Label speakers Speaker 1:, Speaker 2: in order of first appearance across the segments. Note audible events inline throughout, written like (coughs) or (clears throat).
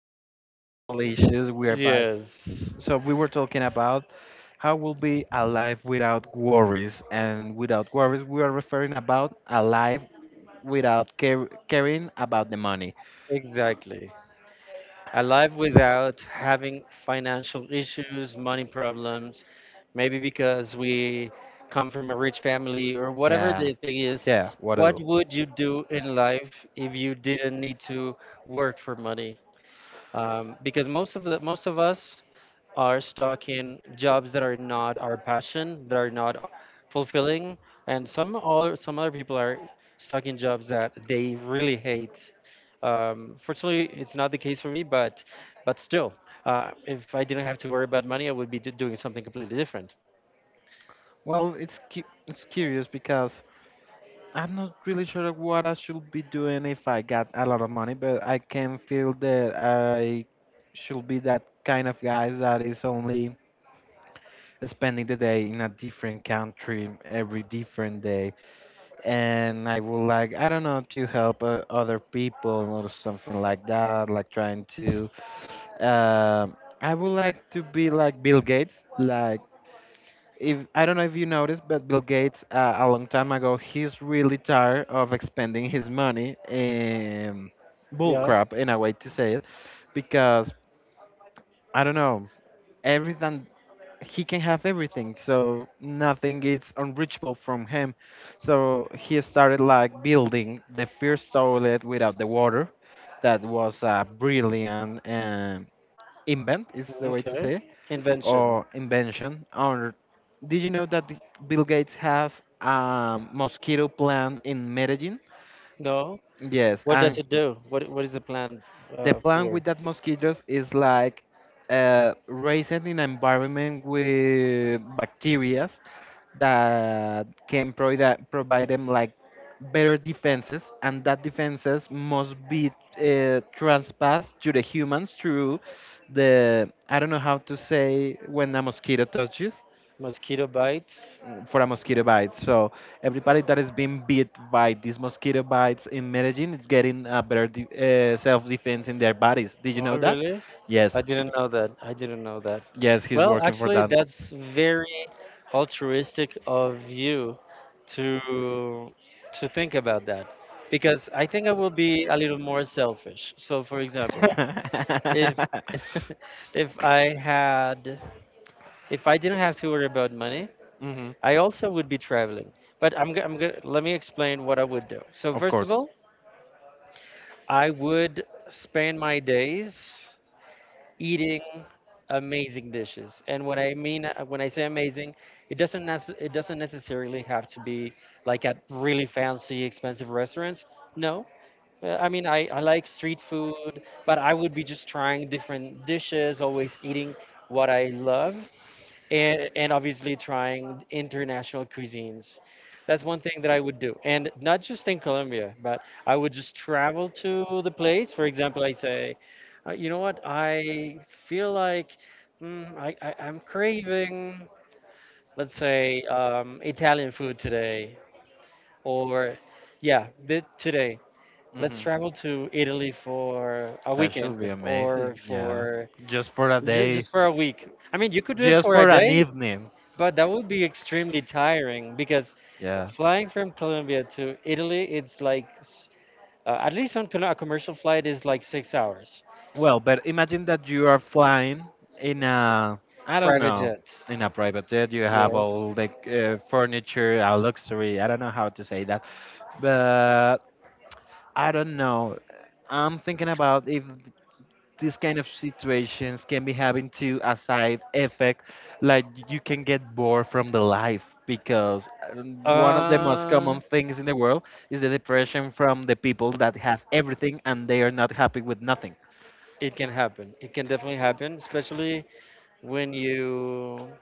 Speaker 1: few
Speaker 2: Some,
Speaker 1: technical issues, we are back.
Speaker 2: yes,
Speaker 1: So we were talking about how we'll be alive without worries, and without worries, we are referring about alive without care caring about the money.
Speaker 2: exactly. A life without having financial issues, money problems, maybe because we come from a rich family or whatever
Speaker 1: Yeah,
Speaker 2: the thing is.
Speaker 1: yeah,
Speaker 2: What
Speaker 1: whatever.
Speaker 2: would you do in life if you didn't need to work for money? Because most of us are stuck in jobs that are not our passion, that are not fulfilling, and some other people are stuck in jobs that they really hate. Fortunately, it's not the case for me, but still, if I didn't have to worry about money, I would be doing something completely different.
Speaker 1: Well, it's curious because I'm not really sure what I should be doing if I got a lot of money, but I can feel that I should be that kind of guy that is only spending the day in a different country every different day. And I would like, I don't know, to help other people or something like that, like trying to. um I would like to be like Bill Gates. Like, if I don't know if you noticed, but Bill Gates, a long time ago, he's really tired of expending his money in bull
Speaker 2: Yeah.
Speaker 1: crap, in a way to say it, because I don't know everything. He can have everything, so nothing is unreachable from him. So he started like building the first toilet without the water. That was a brilliant invent, is the way to
Speaker 2: Okay.
Speaker 1: say,
Speaker 2: Invention.
Speaker 1: or invention. Or did you know that Bill Gates has a mosquito plant in Medellin?
Speaker 2: No.
Speaker 1: Yes,
Speaker 2: What
Speaker 1: and
Speaker 2: does it do? What is the plan
Speaker 1: the plan with
Speaker 2: for?
Speaker 1: that mosquitoes is like, raising an environment with bacteria that can provide provide them like better defenses, and that defenses must be transpassed to the humans through the, I don't know how to say, when a mosquito touches,
Speaker 2: Mosquito bite?
Speaker 1: for a mosquito bite. So everybody that is being bit by these mosquito bites in Medellin is getting a better self defense in their bodies. Did you know
Speaker 2: Oh,
Speaker 1: that?
Speaker 2: really?
Speaker 1: Yes,
Speaker 2: I didn't know that. I didn't know that.
Speaker 1: yes, he's
Speaker 2: Well,
Speaker 1: working for
Speaker 2: actually,
Speaker 1: that.
Speaker 2: that's very altruistic of you to to think about that because I think I will be a little more selfish. So, for example,
Speaker 1: (laughs)
Speaker 2: if (laughs) if I had if I didn't have to worry about money,
Speaker 1: hmm
Speaker 2: I also would be traveling. But I'm gonna let me explain what I would do. So,
Speaker 1: Of
Speaker 2: first of
Speaker 1: course.
Speaker 2: all, I would spend my days eating amazing dishes. And when I say amazing, it doesn't necessarily have to be like at really fancy, expensive restaurants. No. I mean, I like street food, but I would be just trying different dishes, always eating what I love and obviously trying international cuisines. That's one thing that I would do. And not just in Colombia, but I would just travel to the place. For example, I say, you know what, I feel like I'm craving, let's say, Italian food today. Or, yeah, today. Let's
Speaker 1: hmm
Speaker 2: travel to Italy for a
Speaker 1: That should be
Speaker 2: weekend or
Speaker 1: amazing. Yeah.
Speaker 2: for
Speaker 1: Just for a day.
Speaker 2: just for a week. I mean, you could do it
Speaker 1: Just
Speaker 2: for a
Speaker 1: for an
Speaker 2: day,
Speaker 1: evening.
Speaker 2: but that would be extremely tiring because
Speaker 1: Yeah.
Speaker 2: flying from Colombia to Italy, it's like, at least on a commercial flight, is like 6 hours.
Speaker 1: Well, but imagine that you are flying in a, I don't
Speaker 2: Private
Speaker 1: know,
Speaker 2: jet.
Speaker 1: in a private jet. You have
Speaker 2: Yes.
Speaker 1: all the furniture, luxury. I don't know how to say that, but I don't know. I'm thinking about if these kind of situations can be having to a side effect, like you can get bored from the life because one of the most
Speaker 2: Uh,
Speaker 1: common things in the world is the depression from the people that has everything and they are not happy with nothing.
Speaker 2: it can happen. It can definitely happen, especially when you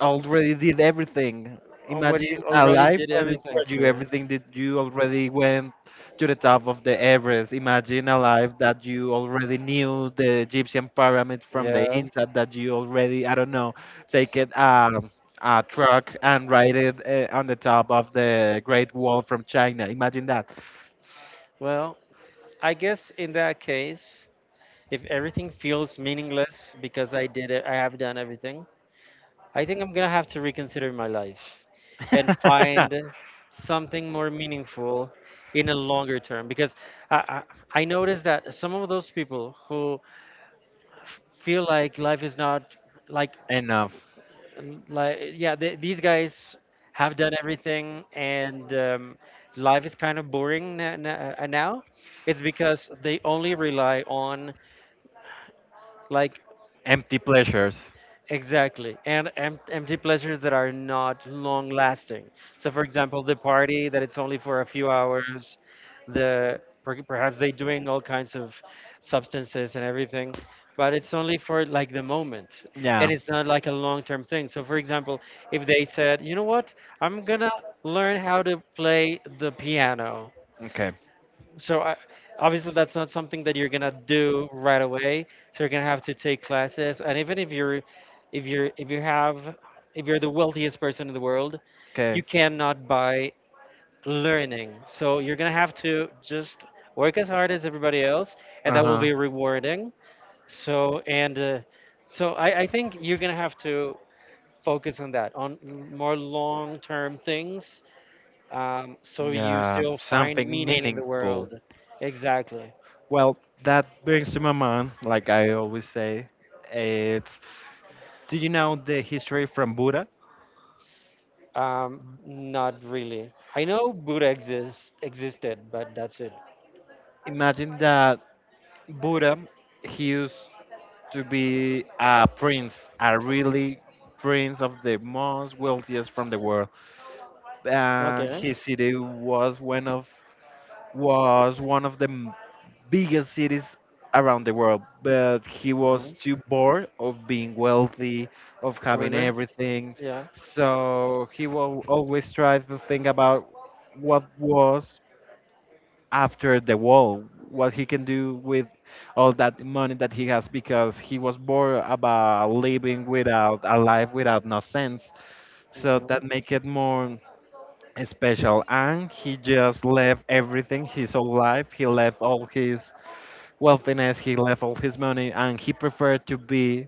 Speaker 1: Already did everything.
Speaker 2: when you
Speaker 1: Imagine a
Speaker 2: already
Speaker 1: life
Speaker 2: did everything
Speaker 1: where
Speaker 2: to
Speaker 1: you
Speaker 2: it.
Speaker 1: everything did, you already went to the top of the Everest. Imagine a life that you already knew the Egyptian pyramids from the
Speaker 2: Yeah.
Speaker 1: inside. That you already, I don't know, take it, a truck and ride it on the top of the Great Wall from China. Imagine that.
Speaker 2: Well, I guess in that case, if everything feels meaningless because I did it, I have done everything. I think I'm gonna have to reconsider my life and
Speaker 1: (laughs)
Speaker 2: find something more meaningful in a longer term because I, I noticed that some of those people who feel like life is not like
Speaker 1: Enough.
Speaker 2: yeah th these guys have done everything and life is kind of boring now it's because they only rely on like.
Speaker 1: Empty pleasures.
Speaker 2: Exactly. And empty pleasures that are not long lasting. So, for example, the party that it's only for a few hours, perhaps they doing all kinds of substances and everything, but it's only for like the moment.
Speaker 1: Yeah.
Speaker 2: And it's not like a long-term thing. So, for example, if they said, you know what, I'm gonna learn how to play the piano
Speaker 1: Okay.
Speaker 2: so obviously that's not something that you're gonna do right away. So you're gonna have to take classes, and even if you're, if you're, if you have, if you're the wealthiest person in the world,
Speaker 1: Okay.
Speaker 2: you cannot buy learning. So you're gonna have to just work as hard as everybody else, and
Speaker 1: Uh
Speaker 2: that will
Speaker 1: huh.
Speaker 2: be rewarding. So and uh, so I think you're gonna have to focus on that, on more long-term things, so you
Speaker 1: Yeah,
Speaker 2: still find
Speaker 1: something
Speaker 2: meaning in the
Speaker 1: meaningful.
Speaker 2: world. Exactly.
Speaker 1: Well, that brings to my mind, like I always say, it's, do you know the history from Buddha?
Speaker 2: Not really. I know Buddha existed, but that's it.
Speaker 1: Imagine that Buddha, he used to be a prince, a really prince of the most wealthiest from the world. And
Speaker 2: Okay.
Speaker 1: his city was one of, was one of the m- biggest cities around the world, but he
Speaker 2: Hmm.
Speaker 1: was too bored of being wealthy, of having
Speaker 2: Really?
Speaker 1: everything.
Speaker 2: Yeah.
Speaker 1: So he will always try to think about what was after the wall, what he can do with all that money that he has, because he was bored about living without a life without no sense. So
Speaker 2: Hmm.
Speaker 1: that make it more special, and he just left everything. His whole life, he left all his wealthiness, he left all his money, and he preferred to be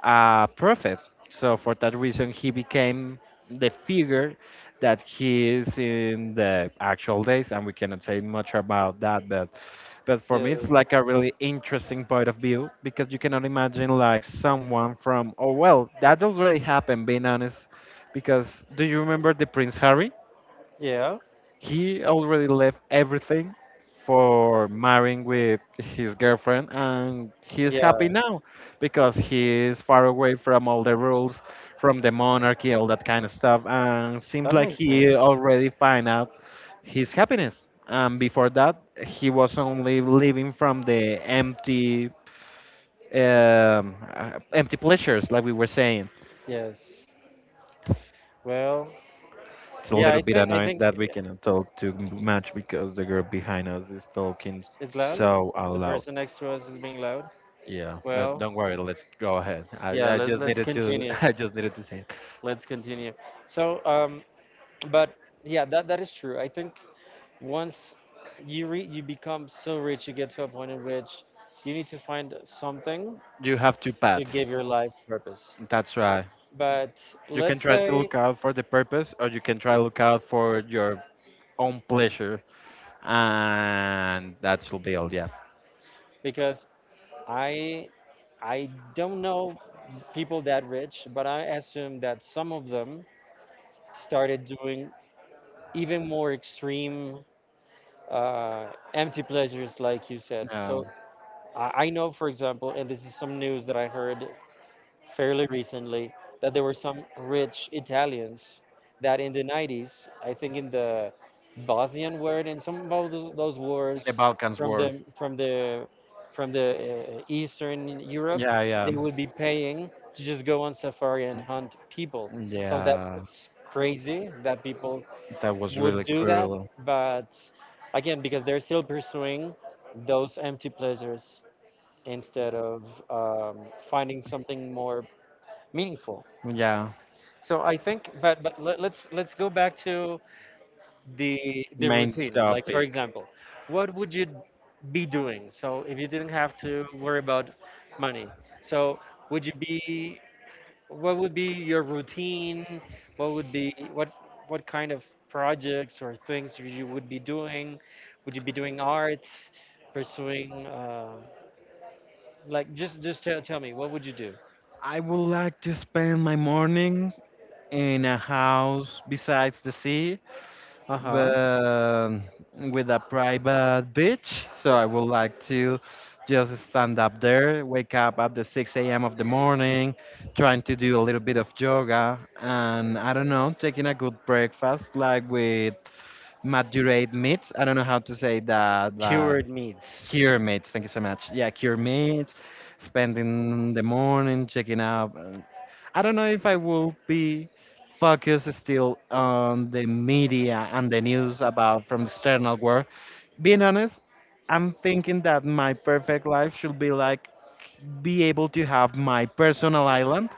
Speaker 1: a prophet. So for that reason, he became the figure that he is in the actual days, and we cannot say much about that, but for
Speaker 2: Yeah.
Speaker 1: me, it's like a really interesting point of view, because you cannot imagine like someone from, oh well, that already happened, being honest. Because do you remember the prince harry?
Speaker 2: Yeah.
Speaker 1: He already left everything for marrying with his girlfriend, and he's happy
Speaker 2: Yeah.
Speaker 1: now because he's far away from all the rules, from the monarchy, all that kind of stuff, and seems
Speaker 2: That
Speaker 1: like
Speaker 2: makes
Speaker 1: he
Speaker 2: sense.
Speaker 1: already find out his happiness. And before that, he was only living from the empty, empty pleasures, like we were saying.
Speaker 2: Yes. Well,
Speaker 1: It's a
Speaker 2: yeah.
Speaker 1: little
Speaker 2: I
Speaker 1: bit
Speaker 2: think I
Speaker 1: annoying
Speaker 2: think
Speaker 1: that we cannot talk too much because the girl behind us is talking
Speaker 2: it's loud.
Speaker 1: so out
Speaker 2: The
Speaker 1: loud.
Speaker 2: person next to us is being loud.
Speaker 1: Yeah, but
Speaker 2: Well,
Speaker 1: don't worry. Let's go ahead.
Speaker 2: yeah.
Speaker 1: I
Speaker 2: Let,
Speaker 1: just
Speaker 2: let's
Speaker 1: needed to.
Speaker 2: continue.
Speaker 1: (laughs) I just needed to say it.
Speaker 2: Let's continue. So, but yeah, that is true. I think once you become so rich, you get to a point in which you need to find something
Speaker 1: You have two
Speaker 2: to
Speaker 1: paths.
Speaker 2: give your life purpose.
Speaker 1: That's right.
Speaker 2: But
Speaker 1: You can
Speaker 2: let's
Speaker 1: try to
Speaker 2: say
Speaker 1: look out for the purpose, or you can try to look out for your own pleasure, and that will be all. Yeah.
Speaker 2: because I I don't know people that rich, but I assume that some of them started doing even more extreme uh, empty pleasures, like you said.
Speaker 1: Yeah.
Speaker 2: So I know, for example, and this is some news that I heard fairly recently that there were some rich Italians that in the 90s, I think in the Bosnian war and some of those
Speaker 1: The
Speaker 2: wars
Speaker 1: Balkans
Speaker 2: from
Speaker 1: War.
Speaker 2: the from the from the Eastern Europe,
Speaker 1: Yeah,
Speaker 2: they
Speaker 1: yeah,
Speaker 2: would be paying to just go on safari and hunt people. So
Speaker 1: yeah.
Speaker 2: that's crazy that people
Speaker 1: That was
Speaker 2: would
Speaker 1: really
Speaker 2: do that,
Speaker 1: cruel.
Speaker 2: but again, because they're still pursuing those empty pleasures instead of um, finding something more meaningful.
Speaker 1: Yeah.
Speaker 2: So I think, but let's go back to the the
Speaker 1: Main
Speaker 2: routine. Like for
Speaker 1: topic.
Speaker 2: example, what would you be doing? So if you didn't have to worry about money, so would you be? What would be your routine? What would be what kind of projects or things you would be doing? Would you be doing arts, pursuing? Like just tell me what would you do?
Speaker 1: I would like to spend my morning in a house besides the sea,
Speaker 2: Uh huh.
Speaker 1: but with a private beach. So I would like to just stand up there, wake up at the 6 a.m. of the morning, trying to do a little bit of yoga, and I don't know, taking a good breakfast, like with maturate meats. I don't know how to say that. Like,
Speaker 2: Cured meats.
Speaker 1: cure mates, thank you so much. Yeah, cure mates, spending the morning checking up. I don't know if I will be focused still on the media and the news about from external world. Being honest, I'm thinking that my perfect life should be like be able to have my personal island,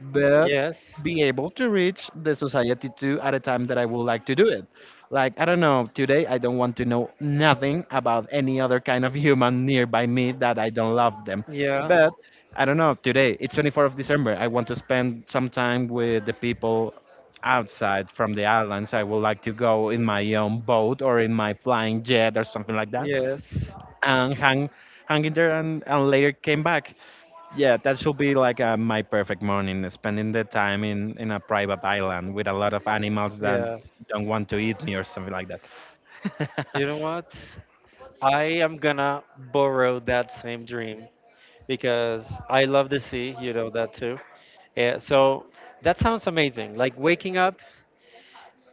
Speaker 1: but
Speaker 2: Yes.
Speaker 1: be able to reach the society too at a time that I would like to do it. Like, I don't know, today I don't want to know nothing about any other kind of human nearby me that I don't love them.
Speaker 2: Yeah,
Speaker 1: But I don't know, today it's 24th of December. I want to spend some time with the people outside from the islands. I would like to go in my own boat or in my flying jet or something like that,
Speaker 2: yes,
Speaker 1: and hang in there and later came back. Yeah, that should be like my perfect morning, spending the time in a private island with a lot of animals that
Speaker 2: yeah.
Speaker 1: don't want to eat me or something like that.
Speaker 2: You know
Speaker 1: (laughs)
Speaker 2: what? I am gonna borrow that same dream because I love the sea, you know that too. Yeah, so that sounds amazing. Like waking up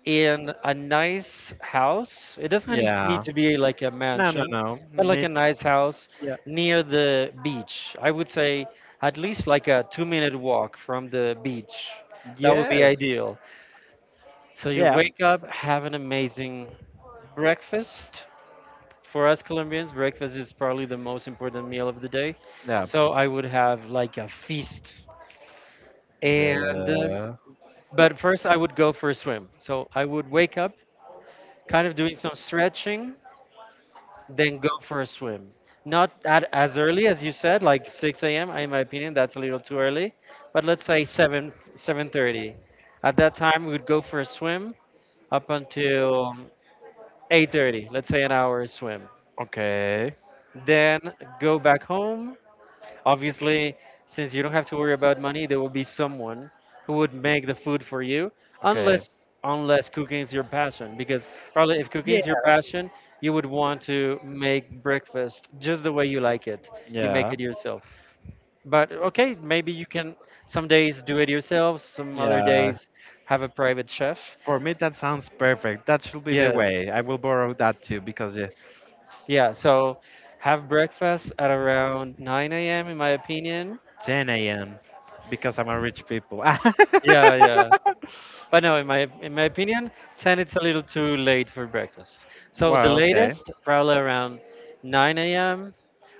Speaker 2: in a nice house. It doesn't need
Speaker 1: Yeah.
Speaker 2: to be like a
Speaker 1: No, no,
Speaker 2: mansion,
Speaker 1: no.
Speaker 2: but like a
Speaker 1: Need,
Speaker 2: nice house
Speaker 1: yeah.
Speaker 2: near the beach. I would say at least like a 2-minute walk from the beach. That would be
Speaker 1: Yes.
Speaker 2: ideal. So you
Speaker 1: Yeah.
Speaker 2: wake up, have an amazing breakfast. For us Colombians, breakfast is probably the most important meal of the day.
Speaker 1: Yeah.
Speaker 2: So I would have like a feast. And,
Speaker 1: Yeah.
Speaker 2: but first I would go for a swim. So I would wake up kind of doing some stretching, then go for a swim. Not as early as you said, like 6 a.m. In my opinion, that's a little too early. But let's say 7, 7:30. At that time, we would go for a swim up until 8:30, let's say an hour swim
Speaker 1: Okay.
Speaker 2: then go back home. Obviously, since you don't have to worry about money, there will be someone who would make the food for you,
Speaker 1: Okay.
Speaker 2: unless cooking is your passion. Because probably if cooking
Speaker 1: Yeah.
Speaker 2: is your passion, you would want to make breakfast just the way you like it. You make
Speaker 1: Yeah.
Speaker 2: it yourself. But okay, maybe you can some days do it yourself, some other
Speaker 1: Yeah.
Speaker 2: days have a private chef.
Speaker 1: For me, that sounds perfect. That should be the
Speaker 2: Yes.
Speaker 1: way. I will borrow that too because
Speaker 2: Yeah, so have breakfast at around 9 a.m. in my opinion.
Speaker 1: 10 a.m. because I'm a rich people. (laughs) Wow,
Speaker 2: Yeah, yeah. But no, in my opinion, 10 it's a little too late for breakfast. So the
Speaker 1: okay.
Speaker 2: latest, probably around 9 a.m.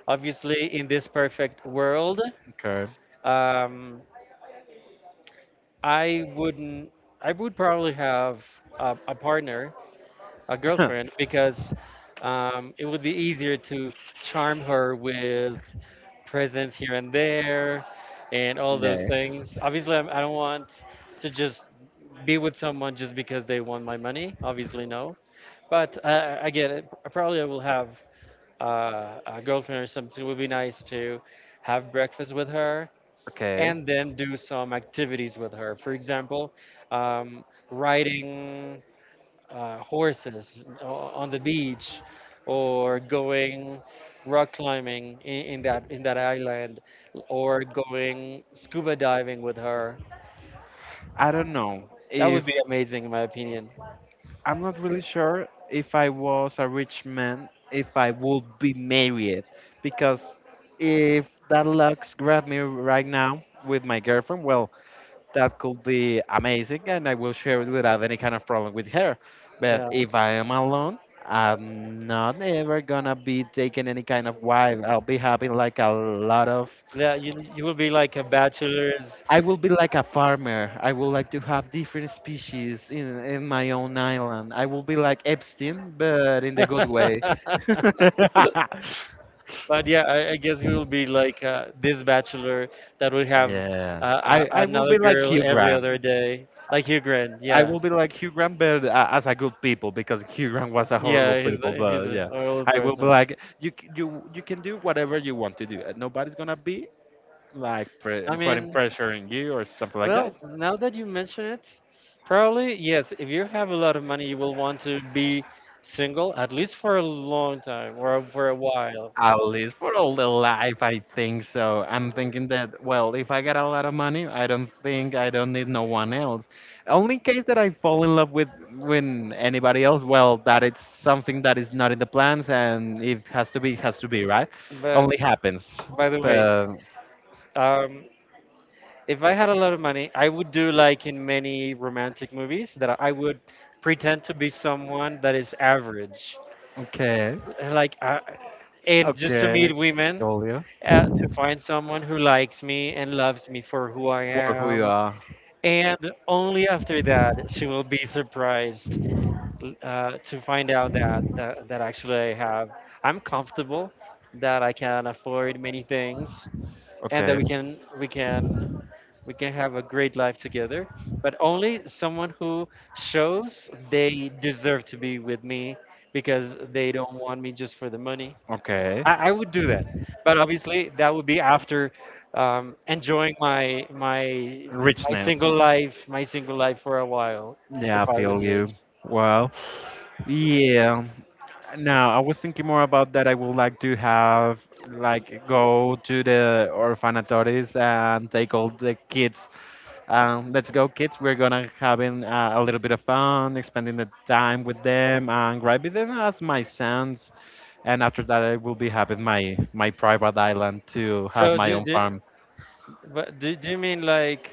Speaker 2: Obviously, in this perfect world,
Speaker 1: Okay. (coughs)
Speaker 2: um, I wouldn't. I would probably have a partner, a girlfriend
Speaker 1: (laughs)
Speaker 2: because it would be easier to charm her with presents here and there and all
Speaker 1: Yeah.
Speaker 2: those things. Obviously, I don't want to just be with someone just because they want my money. Obviously, no. But again, probably I will have a girlfriend or something. It would be nice to have breakfast with her
Speaker 1: Okay.
Speaker 2: and then do some activities with her. For example, um, riding horses on the beach or going rock climbing in that island or going scuba diving with her.
Speaker 1: I don't know
Speaker 2: That
Speaker 1: if
Speaker 2: would be amazing in my opinion.
Speaker 1: I'm not really sure if I was a rich man if I would be married, because if that luck grabbed me right now with my girlfriend, well, that could be amazing and I will share it without any kind of problem with her. But
Speaker 2: Yeah.
Speaker 1: if I am alone, I'm not ever gonna be taking any kind of wife. I'll be having like a lot of.
Speaker 2: Yeah, you will be like a bachelor's. (laughs)
Speaker 1: I will be like a farmer. I would like to have different species in my own island. I will be like Epstein, but in the good way. (laughs)
Speaker 2: But yeah, I guess we will be like this bachelor that would have
Speaker 1: Yeah, I will
Speaker 2: another
Speaker 1: be like
Speaker 2: girl
Speaker 1: Hugh
Speaker 2: every other day, like Hugh Grant.
Speaker 1: I
Speaker 2: Yeah,
Speaker 1: will be like Hugh Grant, but as a good people, because Hugh Grant was a horrible
Speaker 2: yeah,
Speaker 1: people.
Speaker 2: he's
Speaker 1: But
Speaker 2: an
Speaker 1: yeah,
Speaker 2: old
Speaker 1: I will be
Speaker 2: person.
Speaker 1: like you, you, you can do whatever you want to do. Nobody's gonna be like
Speaker 2: I
Speaker 1: putting
Speaker 2: mean,
Speaker 1: pressure on you or something like that.
Speaker 2: well, now that you mention it, probably yes. If you have a lot of money, you will want to be single at least for a long time or for a while.
Speaker 1: At least for all the life, I think so. I'm thinking that, well, if I get a lot of money, I don't need no one else. Only case that I fall in love with when anybody else, well, that it's something that is not in the plans, and if has to be, has to be, right?
Speaker 2: But
Speaker 1: Only happens.
Speaker 2: by the way,
Speaker 1: But,
Speaker 2: um, if I had a lot of money, I would do like in many romantic movies that I would pretend to be someone that is average,
Speaker 1: okay,
Speaker 2: like and just to
Speaker 1: okay,
Speaker 2: meet women.
Speaker 1: Julio,
Speaker 2: To find someone who likes me and loves me for who I
Speaker 1: for who you
Speaker 2: am
Speaker 1: are.
Speaker 2: and only after that she will be surprised to find out that actually I'm comfortable that I can afford many things and that
Speaker 1: Okay,
Speaker 2: we can have a great life together but only someone who shows they deserve to be with me because they don't want me just for the money.
Speaker 1: okay.
Speaker 2: I would do that, but obviously that would be after enjoying my my my
Speaker 1: Richness.
Speaker 2: single life, for a while, if
Speaker 1: Yeah, I
Speaker 2: I
Speaker 1: feel
Speaker 2: was rich.
Speaker 1: you. Well, yeah. Now I was thinking more about that. I would like to have like go to the orphanatories and take all the kids. Let's go, kids. We're gonna having a little bit of fun, spending the time with them, and grabbing them as my sons. And after that, I will be having my private island to have
Speaker 2: So
Speaker 1: my own farm.
Speaker 2: do you mean like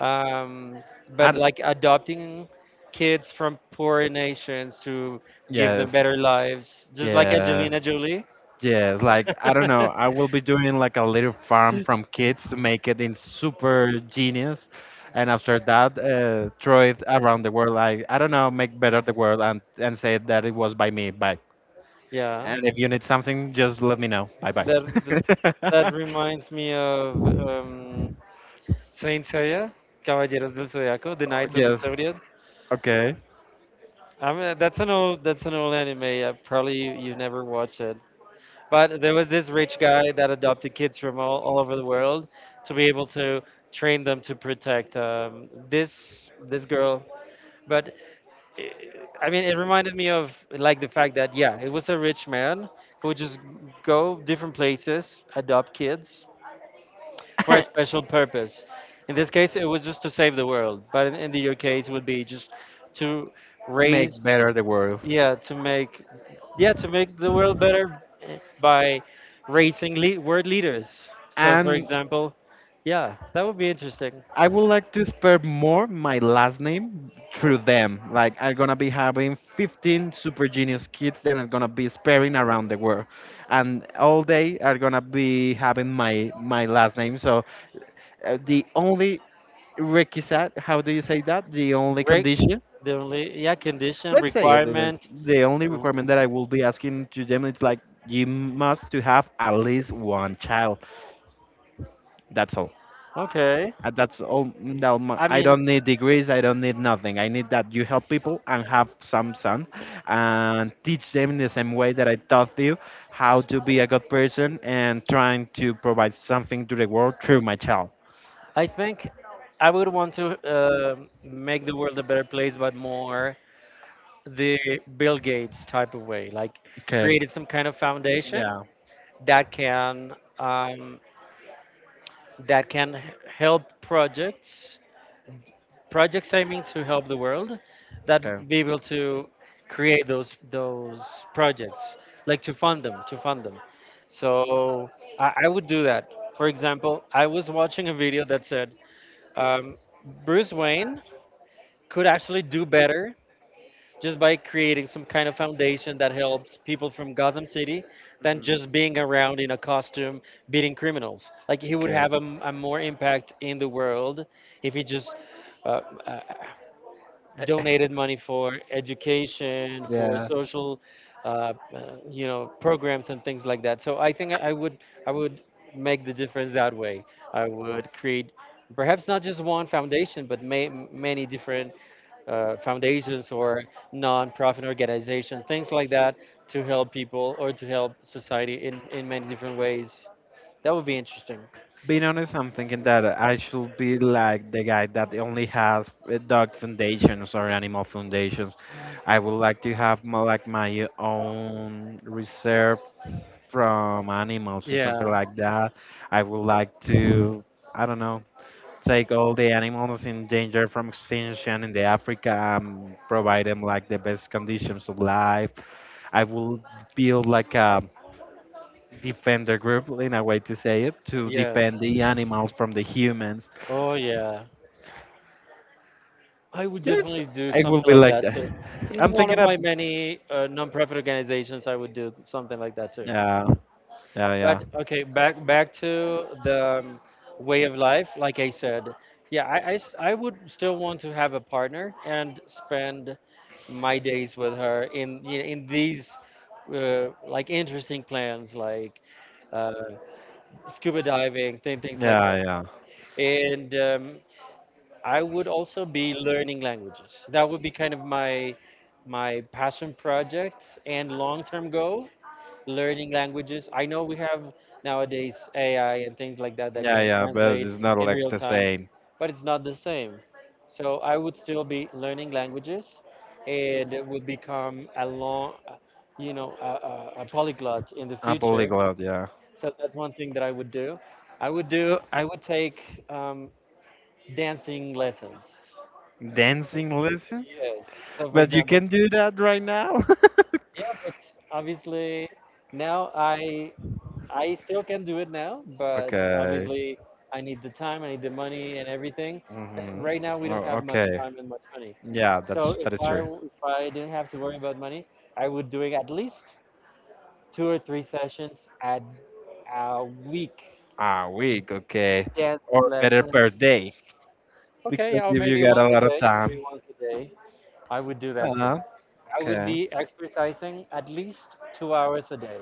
Speaker 2: um,
Speaker 1: I
Speaker 2: but
Speaker 1: don't-
Speaker 2: like adopting kids from poor nations to give them
Speaker 1: yes,
Speaker 2: better lives, just like
Speaker 1: yes.
Speaker 2: Angelina Jolie?
Speaker 1: Yes, like I don't know, I
Speaker 2: (laughs)
Speaker 1: will be doing like a little farm from kids to make it in super genius, and after that, throw it around the world. Like I don't know, make better the world and say that it was by me. Bye.
Speaker 2: Yeah,
Speaker 1: And if you need something, just let me know. Bye bye.
Speaker 2: that that, that reminds me of. Saint Seiya, Caballeros del Zodiaco, The
Speaker 1: (laughs)
Speaker 2: Knights of the
Speaker 1: Yes.
Speaker 2: Zodiac.
Speaker 1: Okay.
Speaker 2: I mean, that's an old anime. Probably you never watched it. But there was this rich guy that adopted kids from all over the world to be able to train them to protect this girl. But i I mean, it reminded me of like the fact that yeah, it was a rich man who would just go different places, adopt kids, for a
Speaker 1: (laughs)
Speaker 2: special purpose. In this case, it was just to save the world, but in your case, it would be just to raise,
Speaker 1: Make better the world.
Speaker 2: yeah, to yeah, to make the world better by raising world leaders. So, for
Speaker 1: And
Speaker 2: example, yeah, that would be interesting.
Speaker 1: I would like to spread more my last name through them. Like I'm gonna be having 15 super genius kids that are gonna be spreading around the world, and all they are gonna be having my last name. So the only requisite, how do you say that? The only
Speaker 2: Re-
Speaker 1: condition,
Speaker 2: the only, yeah, condition
Speaker 1: let's say it, the
Speaker 2: requirement.
Speaker 1: the only
Speaker 2: r-
Speaker 1: requirement that I will be asking to them is like you must to have at least one child. That's all.
Speaker 2: Okay,
Speaker 1: That's all. No,
Speaker 2: I
Speaker 1: I
Speaker 2: mean,
Speaker 1: don't need degrees. I don't need nothing. I need that you help people and have some sun, and teach them in the same way that I taught you how to be a good person and trying to provide something to the world through my child.
Speaker 2: I think I would want to make the world a better place, but more the Bill Gates type of way, like created some kind of foundation
Speaker 1: Yeah.
Speaker 2: that can um, that can help projects I mean, to help the world
Speaker 1: Okay.
Speaker 2: that be able to create those projects, like to fund them, to fund them. So I would do that. For example, I was watching a video that said um, Bruce Wayne could actually do better just by creating some kind of foundation that helps people from Gotham City than just being around in a costume beating criminals. Like he would
Speaker 1: Okay.
Speaker 2: have a, a more impact in the world if he just uh, uh, donated
Speaker 1: (laughs)
Speaker 2: money for education, for social, uh, uh, programs and things like that. So I think I would make the difference that way. I would create perhaps not just one foundation, but many different foundations or non-profit organizations, things like that, to help people or to help society in many different ways. That would be interesting.
Speaker 1: Being honest, I'm thinking that I should be like the guy that only has dog foundations or animal foundations. I would like to have more like my own reserve from animals or something
Speaker 2: Yeah.
Speaker 1: like that. I would like to, I don't know, take all the animals in danger from extinction in the Africa and provide them like the best conditions of life. I will build like a defend the group in a way to say it to
Speaker 2: Yes.
Speaker 1: defend the animals from the humans.
Speaker 2: Oh yeah. I would
Speaker 1: Yes,
Speaker 2: definitely do
Speaker 1: I will
Speaker 2: something
Speaker 1: be
Speaker 2: like
Speaker 1: like
Speaker 2: that
Speaker 1: that.
Speaker 2: too. In
Speaker 1: I'm
Speaker 2: one
Speaker 1: thinking
Speaker 2: of
Speaker 1: of.
Speaker 2: my many non-profit organizations, I would do something like that too.
Speaker 1: yeah yeah yeah
Speaker 2: But okay, back to the way of life. Like I said, yeah, I would still want to have a partner and spend my days with her in you know, in these like interesting plans, like uh, scuba diving, things like
Speaker 1: yeah
Speaker 2: that.
Speaker 1: yeah
Speaker 2: And I would also be learning languages. That would be kind of my my passion project and long-term goal learning languages. I know we have nowadays AI and things like that that
Speaker 1: yeah
Speaker 2: can
Speaker 1: yeah, but
Speaker 2: translate
Speaker 1: it's not
Speaker 2: in
Speaker 1: like
Speaker 2: real
Speaker 1: the
Speaker 2: time,
Speaker 1: same.
Speaker 2: but it's not the same. So I would still be learning languages, and it would become a long, a polyglot in the
Speaker 1: A
Speaker 2: future.
Speaker 1: polyglot, yeah.
Speaker 2: So that's one thing that I would do. I would do. I would take dancing lessons. So,
Speaker 1: Dancing lessons.
Speaker 2: yes. So for
Speaker 1: But you
Speaker 2: example,
Speaker 1: can do that right now. (laughs)
Speaker 2: yeah, but obviously now I still can do it now, but
Speaker 1: Okay.
Speaker 2: obviously I need the time, I need the money and everything.
Speaker 1: Mm-hmm.
Speaker 2: Right now we don't
Speaker 1: Oh,
Speaker 2: have much
Speaker 1: okay.
Speaker 2: time and much money.
Speaker 1: Yeah,
Speaker 2: So
Speaker 1: that's that is true.
Speaker 2: if I didn't have to worry about money, I would doing at least 2 or 3 sessions at a week
Speaker 1: A week, okay,
Speaker 2: dance
Speaker 1: or better per
Speaker 2: lessons.
Speaker 1: day,
Speaker 2: Okay,
Speaker 1: because
Speaker 2: or
Speaker 1: if you
Speaker 2: maybe
Speaker 1: got a
Speaker 2: once a
Speaker 1: lot of
Speaker 2: day,
Speaker 1: time.
Speaker 2: maybe once a day. I would do that too.
Speaker 1: Uh,
Speaker 2: I would
Speaker 1: okay.
Speaker 2: be exercising at least 2 hours a day.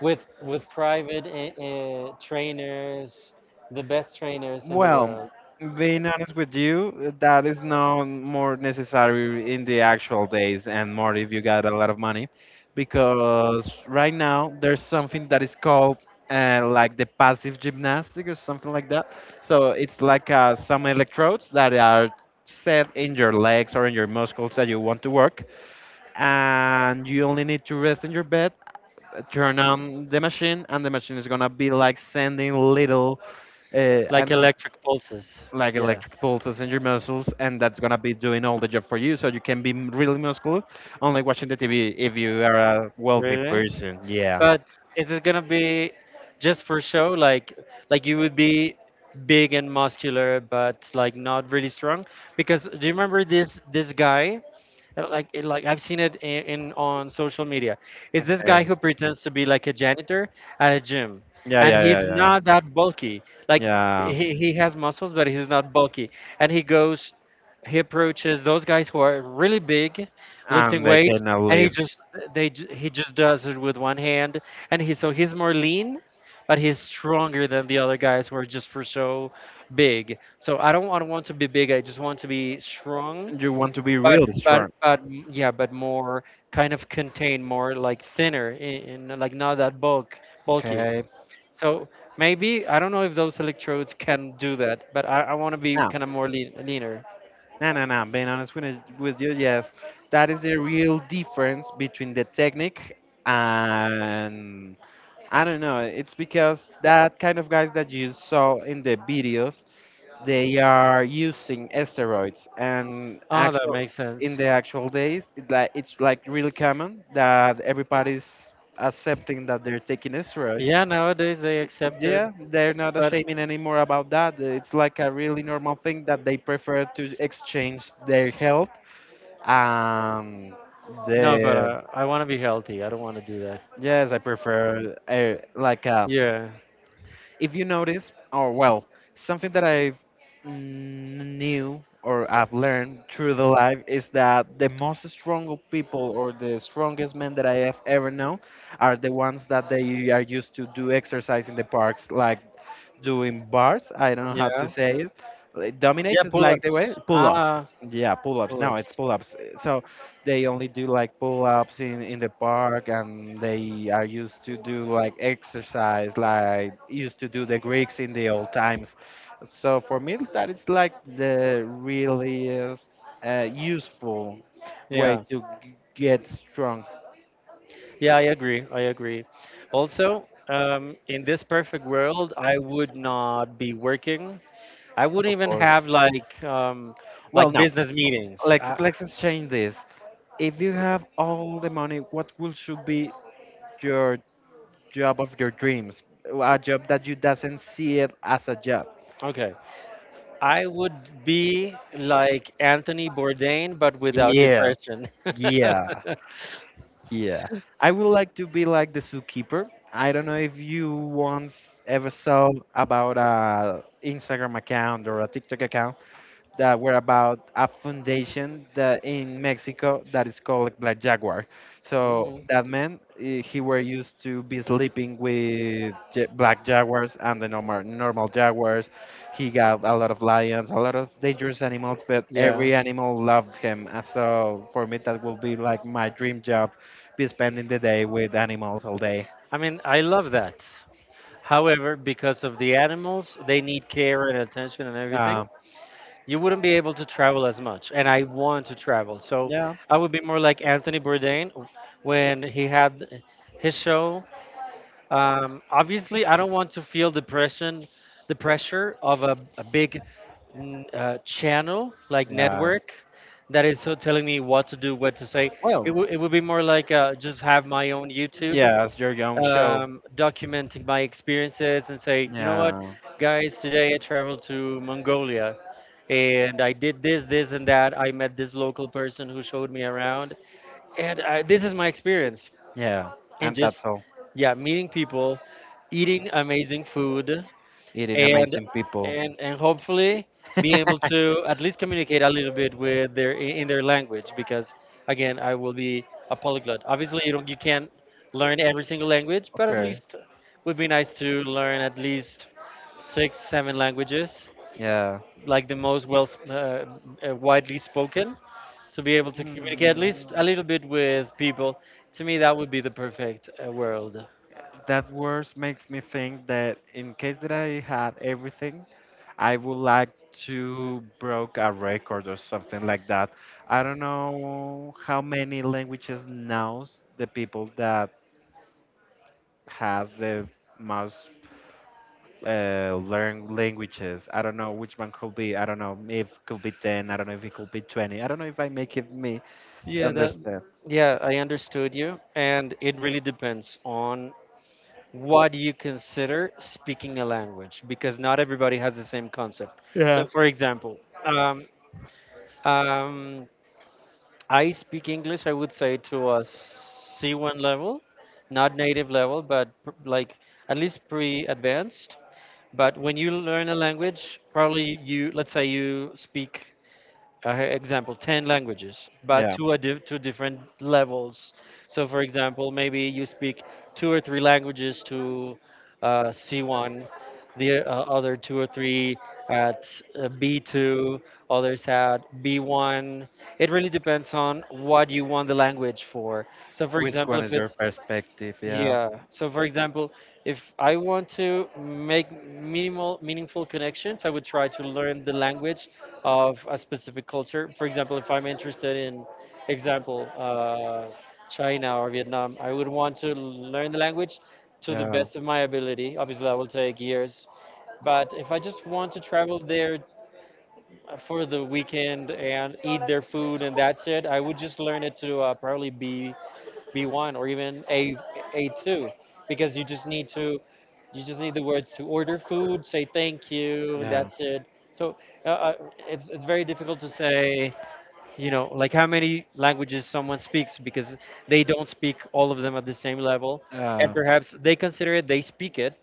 Speaker 2: with private trainers, the best trainers in the
Speaker 1: Well,
Speaker 2: world,
Speaker 1: being honest with you, that is not more necessary in the actual days and more if you got a lot of money, because right now there's something that is called like the passive gymnastic or something like that. So it's like some electrodes that are set in your legs or in your muscles that you want to work, and you only need to rest in your bed, turn on the machine, and the machine is gonna be like sending little I
Speaker 2: like
Speaker 1: don't know,
Speaker 2: electric pulses.
Speaker 1: like
Speaker 2: Yeah,
Speaker 1: electric pulses in your muscles, and that's gonna be doing all the job for you. So you can be really muscular only watching the TV if you are a wealthy
Speaker 2: really.
Speaker 1: person. Yeah.
Speaker 2: But is it gonna be just for show? Like you would be big and muscular, but like not really strong? Because do you remember this guy? Like like I've seen it in on social media. It's this guy
Speaker 1: Okay.
Speaker 2: who pretends to be like a janitor at a gym,
Speaker 1: Yeah,
Speaker 2: and
Speaker 1: yeah, yeah,
Speaker 2: he's
Speaker 1: yeah.
Speaker 2: not that bulky. Like
Speaker 1: Yeah,
Speaker 2: he has muscles, but he's not bulky. And he goes, he approaches those guys who are really big, lifting
Speaker 1: and they
Speaker 2: weights,
Speaker 1: cannot
Speaker 2: and he
Speaker 1: live.
Speaker 2: just he just does it with one hand, and he so he's more lean. But he's stronger than the other guys who are just for so big. So I don't want to be big. I just want to be strong
Speaker 1: You want to be
Speaker 2: but
Speaker 1: really strong.
Speaker 2: yeah but more kind of contained more like thinner in like not that bulky
Speaker 1: Okay.
Speaker 2: so maybe I don't know if those electrodes can do that but I want to be
Speaker 1: Now,
Speaker 2: kind of more leaner.
Speaker 1: no, no, no. Being honest with, with you, yes, that is the real difference between the technique and I don't know. It's because that kind of guys that you saw in the videos they are using steroids and
Speaker 2: Oh, that
Speaker 1: actual
Speaker 2: makes
Speaker 1: in
Speaker 2: sense.
Speaker 1: the actual days it, like it's like really common that everybody's accepting that they're taking steroids.
Speaker 2: Yeah, nowadays they accept
Speaker 1: Yeah,
Speaker 2: it.
Speaker 1: they're not
Speaker 2: But
Speaker 1: ashaming anymore about that. It's like a really normal thing that they prefer to exchange their health. um
Speaker 2: no, but
Speaker 1: the
Speaker 2: I want to be healthy, I don't want to do that.
Speaker 1: yes, I prefer like a.
Speaker 2: Yeah,
Speaker 1: If you notice, or well, something that I've knew or I've learned through the life is that the most strong people or the strongest men that I have ever known are the ones that they are used to do exercise in the parks, like doing bars. I don't know how to
Speaker 2: yeah,
Speaker 1: say it. Like,
Speaker 2: yeah.
Speaker 1: Dominates is like
Speaker 2: Pull-ups,
Speaker 1: the way pull
Speaker 2: ah.
Speaker 1: ups. Yeah, pull ups. No,
Speaker 2: Pull-ups,
Speaker 1: it's pull ups. So they only do like pull ups in the park, and they are used to do like exercise, like used to do the Greeks in the old times. So for me, that is like the really useful way
Speaker 2: yeah.
Speaker 1: to get strong.
Speaker 2: Yeah, I agree. I agree. Also, in this perfect world, I would not be working. I wouldn't
Speaker 1: Of
Speaker 2: even
Speaker 1: course.
Speaker 2: have
Speaker 1: Well,
Speaker 2: like
Speaker 1: no.
Speaker 2: business meetings.
Speaker 1: Let's let's exchange this. If you have all the money, what would should be your job of your dreams? A job that you doesn't see it as a job.
Speaker 2: Okay, I would be like Anthony Bourdain, but without
Speaker 1: Yeah.
Speaker 2: depression.
Speaker 1: Yeah,
Speaker 2: (laughs)
Speaker 1: yeah. I would like to be like the zookeeper. I don't know if you once ever saw about a Instagram account or a TikTok account that were about a foundation that in Mexico that is called like Black Jaguar. So
Speaker 2: Mm,
Speaker 1: that man, eh, he were used to be sleeping with black jaguars and the normal jaguars. He got a lot of lions, a lot of dangerous animals, but
Speaker 2: yeah,
Speaker 1: every animal loved him. And so for me, that will be like my dream job, be spending the day with animals all day.
Speaker 2: I mean, I love that. However, because of the animals, they need care and attention and everything.
Speaker 1: Um,
Speaker 2: You wouldn't be able to travel as much, and I want to travel. So
Speaker 1: yeah,
Speaker 2: I would be more like Anthony Bourdain when he had his show. Obviously, I don't want to feel depression, the pressure of a big channel like
Speaker 1: yeah.
Speaker 2: network that is so telling me what to do, what to say.
Speaker 1: Well,
Speaker 2: It would be more like just have my own YouTube,
Speaker 1: yeah, it's your own show.
Speaker 2: documenting my experiences and say, you know what,
Speaker 1: Yeah.
Speaker 2: guys, today I traveled to Mongolia and I did this, this, and that. I met this local person who showed me around, and this is my experience.
Speaker 1: Yeah,
Speaker 2: And
Speaker 1: and
Speaker 2: just,
Speaker 1: that's all.
Speaker 2: yeah, meeting people, eating amazing food
Speaker 1: Eating
Speaker 2: and
Speaker 1: amazing people.
Speaker 2: and hopefully being able
Speaker 1: (laughs)
Speaker 2: to at least communicate a little bit with their in their language because again I will be a polyglot. Obviously you can't learn every single language, but at
Speaker 1: Okay.
Speaker 2: least would be nice to learn at least 6 7 languages
Speaker 1: Yeah.
Speaker 2: like the most well uh, widely spoken to be able to communicate at
Speaker 1: Mm,
Speaker 2: least a little bit with people. To me that would be the perfect world.
Speaker 1: that words makes me think that in case that I had everything, I would like to broke a record or something like that. I don't know how many languages knows the people that has the most learn languages. I don't know which one could be. I don't know if could be ten. I don't know if it could be 20. I don't know if I make it me
Speaker 2: Yeah, that
Speaker 1: understand.
Speaker 2: yeah, I understood you and it really depends on what you consider speaking a language because not everybody has the same concept. So
Speaker 1: Yeah.
Speaker 2: for example, um, um, I speak English, I would say to a C1 level, not native level, but like at least pre-advanced. But when you learn a language, probably let's say you speak example 10 languages but
Speaker 1: Yeah,
Speaker 2: to a to different levels so for example maybe you speak 2 or 3 languages to C1 the other 2 or 3 at B2 others at B1 it really depends on what you want the language for so for
Speaker 1: which
Speaker 2: example
Speaker 1: one
Speaker 2: if
Speaker 1: is your
Speaker 2: it's
Speaker 1: perspective? Yeah,
Speaker 2: yeah. So for example, if I want to make minimal meaningful connections, I would try to learn the language of a specific culture. For example, if I'm interested in example China or Vietnam, I would want to learn the language to the
Speaker 1: yeah,
Speaker 2: best of my ability. Obviously, that will take years. But if I just want to travel there for the weekend and eat their food and that's it, I would just learn it to probably be B1 or even A A2 because you just need the words to order food, say thank you, and
Speaker 1: yeah,
Speaker 2: that's it. So uh, uh, it's very difficult to say, you know, like how many languages someone speaks because they don't speak all of them at the same level,
Speaker 1: yeah,
Speaker 2: and perhaps they consider it they speak it,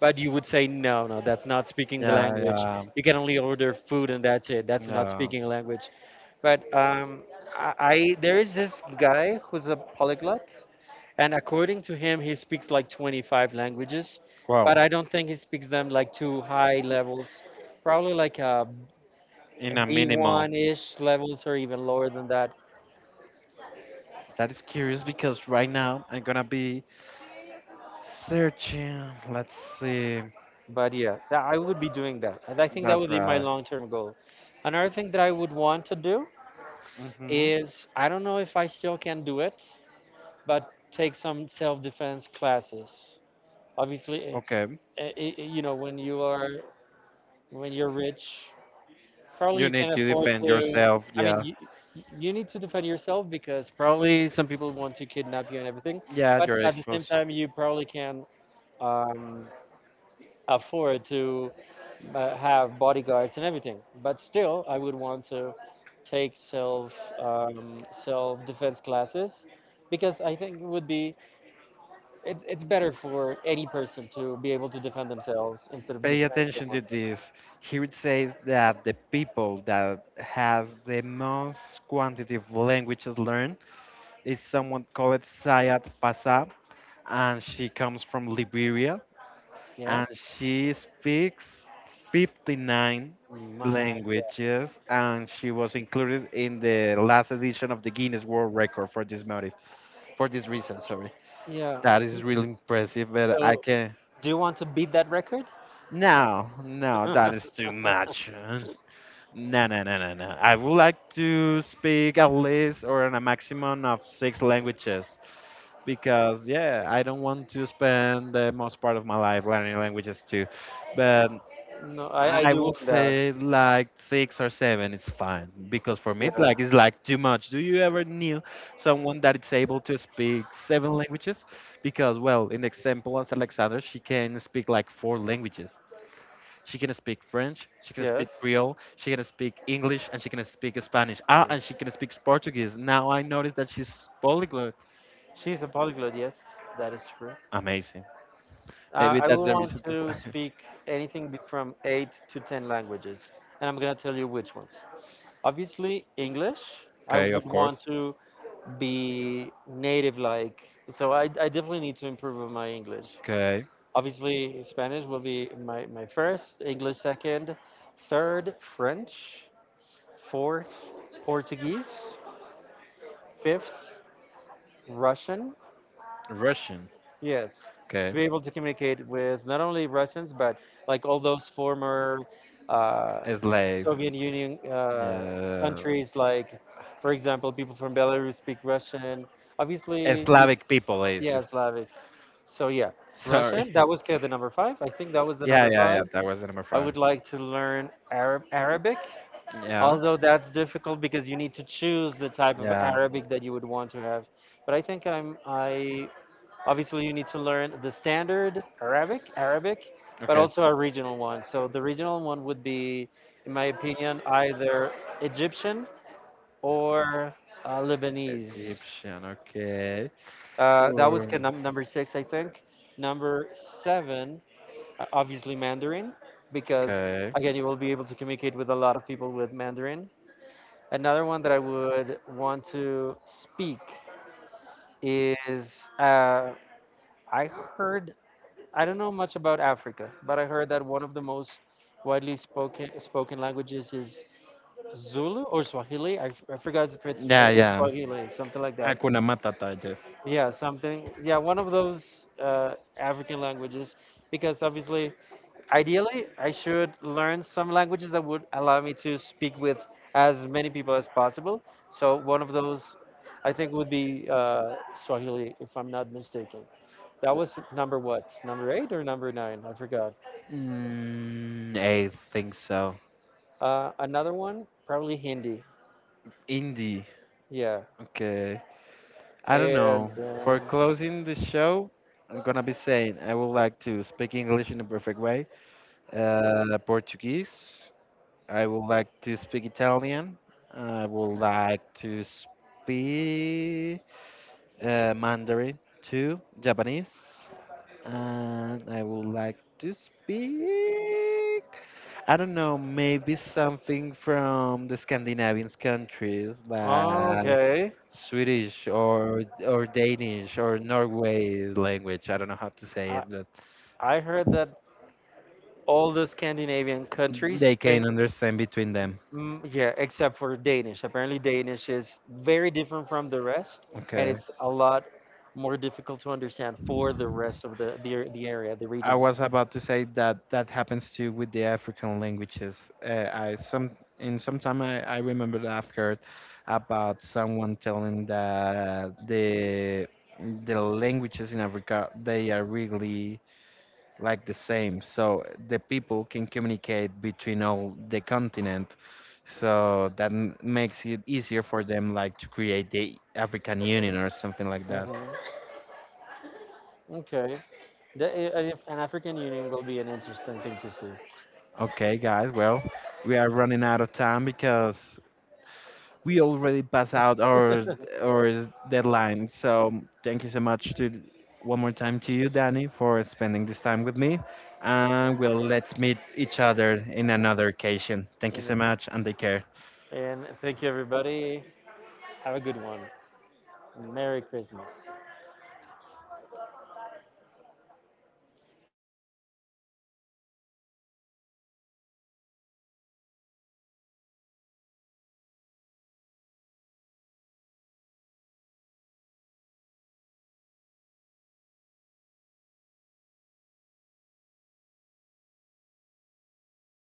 Speaker 2: but you would say no, no, that's not speaking the
Speaker 1: yeah,
Speaker 2: language.
Speaker 1: yeah,
Speaker 2: You can only order food and that's it. That's not
Speaker 1: yeah.
Speaker 2: speaking a language. But I there is this guy who's a polyglot, and according to him, he speaks like 25 languages,
Speaker 1: Wow,
Speaker 2: but I don't think he speaks them like too high levels, probably like a
Speaker 1: in a minimal.
Speaker 2: B1 ish levels or even lower than that.
Speaker 1: That is curious because right now I'm gonna be searching. Let's see.
Speaker 2: But I would be doing that. And I think that
Speaker 1: That's
Speaker 2: would be my
Speaker 1: right.
Speaker 2: long term goal. Another thing that I would want to do
Speaker 1: Mm-hmm.
Speaker 2: is I don't know if I still can do it, but take some self defense classes. Obviously,
Speaker 1: Okay.
Speaker 2: you know, when you're rich probably
Speaker 1: You
Speaker 2: you
Speaker 1: need
Speaker 2: can
Speaker 1: to
Speaker 2: afford
Speaker 1: defend
Speaker 2: to.
Speaker 1: yourself.
Speaker 2: I mean,
Speaker 1: Yeah,
Speaker 2: you need to defend yourself because probably some people want to kidnap you and everything.
Speaker 1: yeah,
Speaker 2: But
Speaker 1: you're
Speaker 2: at the same
Speaker 1: exposed.
Speaker 2: time, you probably can um, afford to have bodyguards and everything. But still, I would want to take self defense classes because I think it would be it's better for any person to be able to defend themselves instead of
Speaker 1: Pay
Speaker 2: just paying
Speaker 1: attention to
Speaker 2: someone.
Speaker 1: this. Here it says that the people that has the most quantity of languages learned, it's someone called Sayat Pasa, and she comes from Liberia,
Speaker 2: Yeah.
Speaker 1: and she speaks 59
Speaker 2: My God.
Speaker 1: languages, and she was included in the last edition of the Guinness World Record for this motive, for this reason. Sorry,
Speaker 2: Yeah.
Speaker 1: that is
Speaker 2: (clears throat)
Speaker 1: really impressive, but I
Speaker 2: So
Speaker 1: can.
Speaker 2: do you want to beat that record?
Speaker 1: No, no, that is too much, man. No, no, no, no, no. I would like to speak at least or on a maximum of six languages, because yeah, I don't want to spend the most part of my life learning languages too. But
Speaker 2: No, I
Speaker 1: I
Speaker 2: do
Speaker 1: would
Speaker 2: want that.
Speaker 1: say like six or seven is fine because for me
Speaker 2: Yeah.
Speaker 1: like it's like too much. Do you ever knew someone that is able to speak seven languages? Because well, in the example as Alexander, she can speak like four languages. She can speak French, she can speak
Speaker 2: Yes.
Speaker 1: Creole, she can speak English, and she can speak Spanish. Ah,
Speaker 2: Spanish.
Speaker 1: and she can speak Portuguese. Now I noticed that she's polyglot.
Speaker 2: She's a polyglot. Yes, that is true.
Speaker 1: Amazing. Maybe
Speaker 2: I
Speaker 1: that's
Speaker 2: will
Speaker 1: the
Speaker 2: want
Speaker 1: reason (laughs)
Speaker 2: to
Speaker 1: why.
Speaker 2: speak anything from 8 to 10 languages, and I'm gonna tell you which ones. Obviously, English. I
Speaker 1: Okay,
Speaker 2: would
Speaker 1: of
Speaker 2: want
Speaker 1: course.
Speaker 2: to be native like, so I definitely need to improve on my English.
Speaker 1: Okay.
Speaker 2: Obviously, Spanish will be my first, English second, third, French, fourth, Portuguese, fifth Russian.
Speaker 1: Russian.
Speaker 2: Yes,
Speaker 1: Okay.
Speaker 2: to be able to communicate with not only Russians but like all those former uh,
Speaker 1: A Slave.
Speaker 2: Soviet Union
Speaker 1: Uh,
Speaker 2: countries, like for example, people from Belarus speak Russian. Obviously, you
Speaker 1: Slavic people is,
Speaker 2: yeah
Speaker 1: is
Speaker 2: Slavic. So yeah,
Speaker 1: sorry.
Speaker 2: Russian.
Speaker 1: (laughs)
Speaker 2: That was kind of the number five. I think that was the
Speaker 1: Yeah,
Speaker 2: number
Speaker 1: yeah, yeah.
Speaker 2: five.
Speaker 1: That was the number
Speaker 2: I
Speaker 1: five.
Speaker 2: would like to learn Arabic.
Speaker 1: Yeah.
Speaker 2: Although that's difficult because you need to choose the type of
Speaker 1: Yeah.
Speaker 2: Arabic that you would want to have. But I think I'm I obviously, you need to learn the standard Arabic, but
Speaker 1: Okay.
Speaker 2: also a regional one. So the regional one would be, in my opinion, either Egyptian or Lebanese.
Speaker 1: Egyptian. Okay.
Speaker 2: That was kind
Speaker 1: Um,
Speaker 2: of number six, I think. Number seven, obviously Mandarin, because
Speaker 1: Okay.
Speaker 2: again, you will be able to communicate with a lot of people with Mandarin. Another one that I would want to speak is uh, I heard I don't know much about Africa, but I heard that one of the most widely spoken languages is Zulu or Swahili. I forgot if it's I
Speaker 1: Yeah,
Speaker 2: think
Speaker 1: yeah.
Speaker 2: Swahili, something like that.
Speaker 1: Hakuna Matata, yes.
Speaker 2: Yeah, something. Yeah, one of those African languages. Because obviously, ideally, I should learn some languages that would allow me to speak with as many people as possible. So one of those, I think, would be Swahili, if I'm not mistaken. That was number what? Number eight or number nine? I forgot.
Speaker 1: Mm, I think so.
Speaker 2: Another one, probably Hindi.
Speaker 1: Indie.
Speaker 2: Yeah.
Speaker 1: Okay. I don't
Speaker 2: And
Speaker 1: know. For closing the show, I'm gonna be saying I would like to speak English in a perfect way. Portuguese. I would like to speak Italian. I would like to speak Mandarin, two Japanese, and I would like to speak. I don't know, maybe something from the Scandinavian countries like
Speaker 2: okay,
Speaker 1: Swedish or Danish or Norway language. I don't know how to say
Speaker 2: I
Speaker 1: it, but
Speaker 2: I heard that all the Scandinavian countries
Speaker 1: they can
Speaker 2: think,
Speaker 1: understand between them.
Speaker 2: yeah, except for Danish. Apparently, Danish is very different from the rest, and
Speaker 1: Okay.
Speaker 2: it's a lot more difficult to understand for the rest of the area, the
Speaker 1: I
Speaker 2: region.
Speaker 1: was about to say that that happens too with the African languages. I some in some time I remember that I've heard about someone telling that the languages in Africa they are really like the same, so the people can communicate between all the continent. So that makes it easier for them like to create the African Union or something like that.
Speaker 2: Hmm. Okay. If an African Union will be an interesting thing to see.
Speaker 1: Okay, guys, well, we are running out of time because we already passed out
Speaker 2: (laughs)
Speaker 1: our deadline. So thank you so much to one more time to you, Danny, for spending this time with me. And we'll let's meet each other in another occasion. Thank
Speaker 2: You
Speaker 1: you
Speaker 2: know.
Speaker 1: so much and take care.
Speaker 2: And thank you, everybody. Have a good one. Merry Christmas.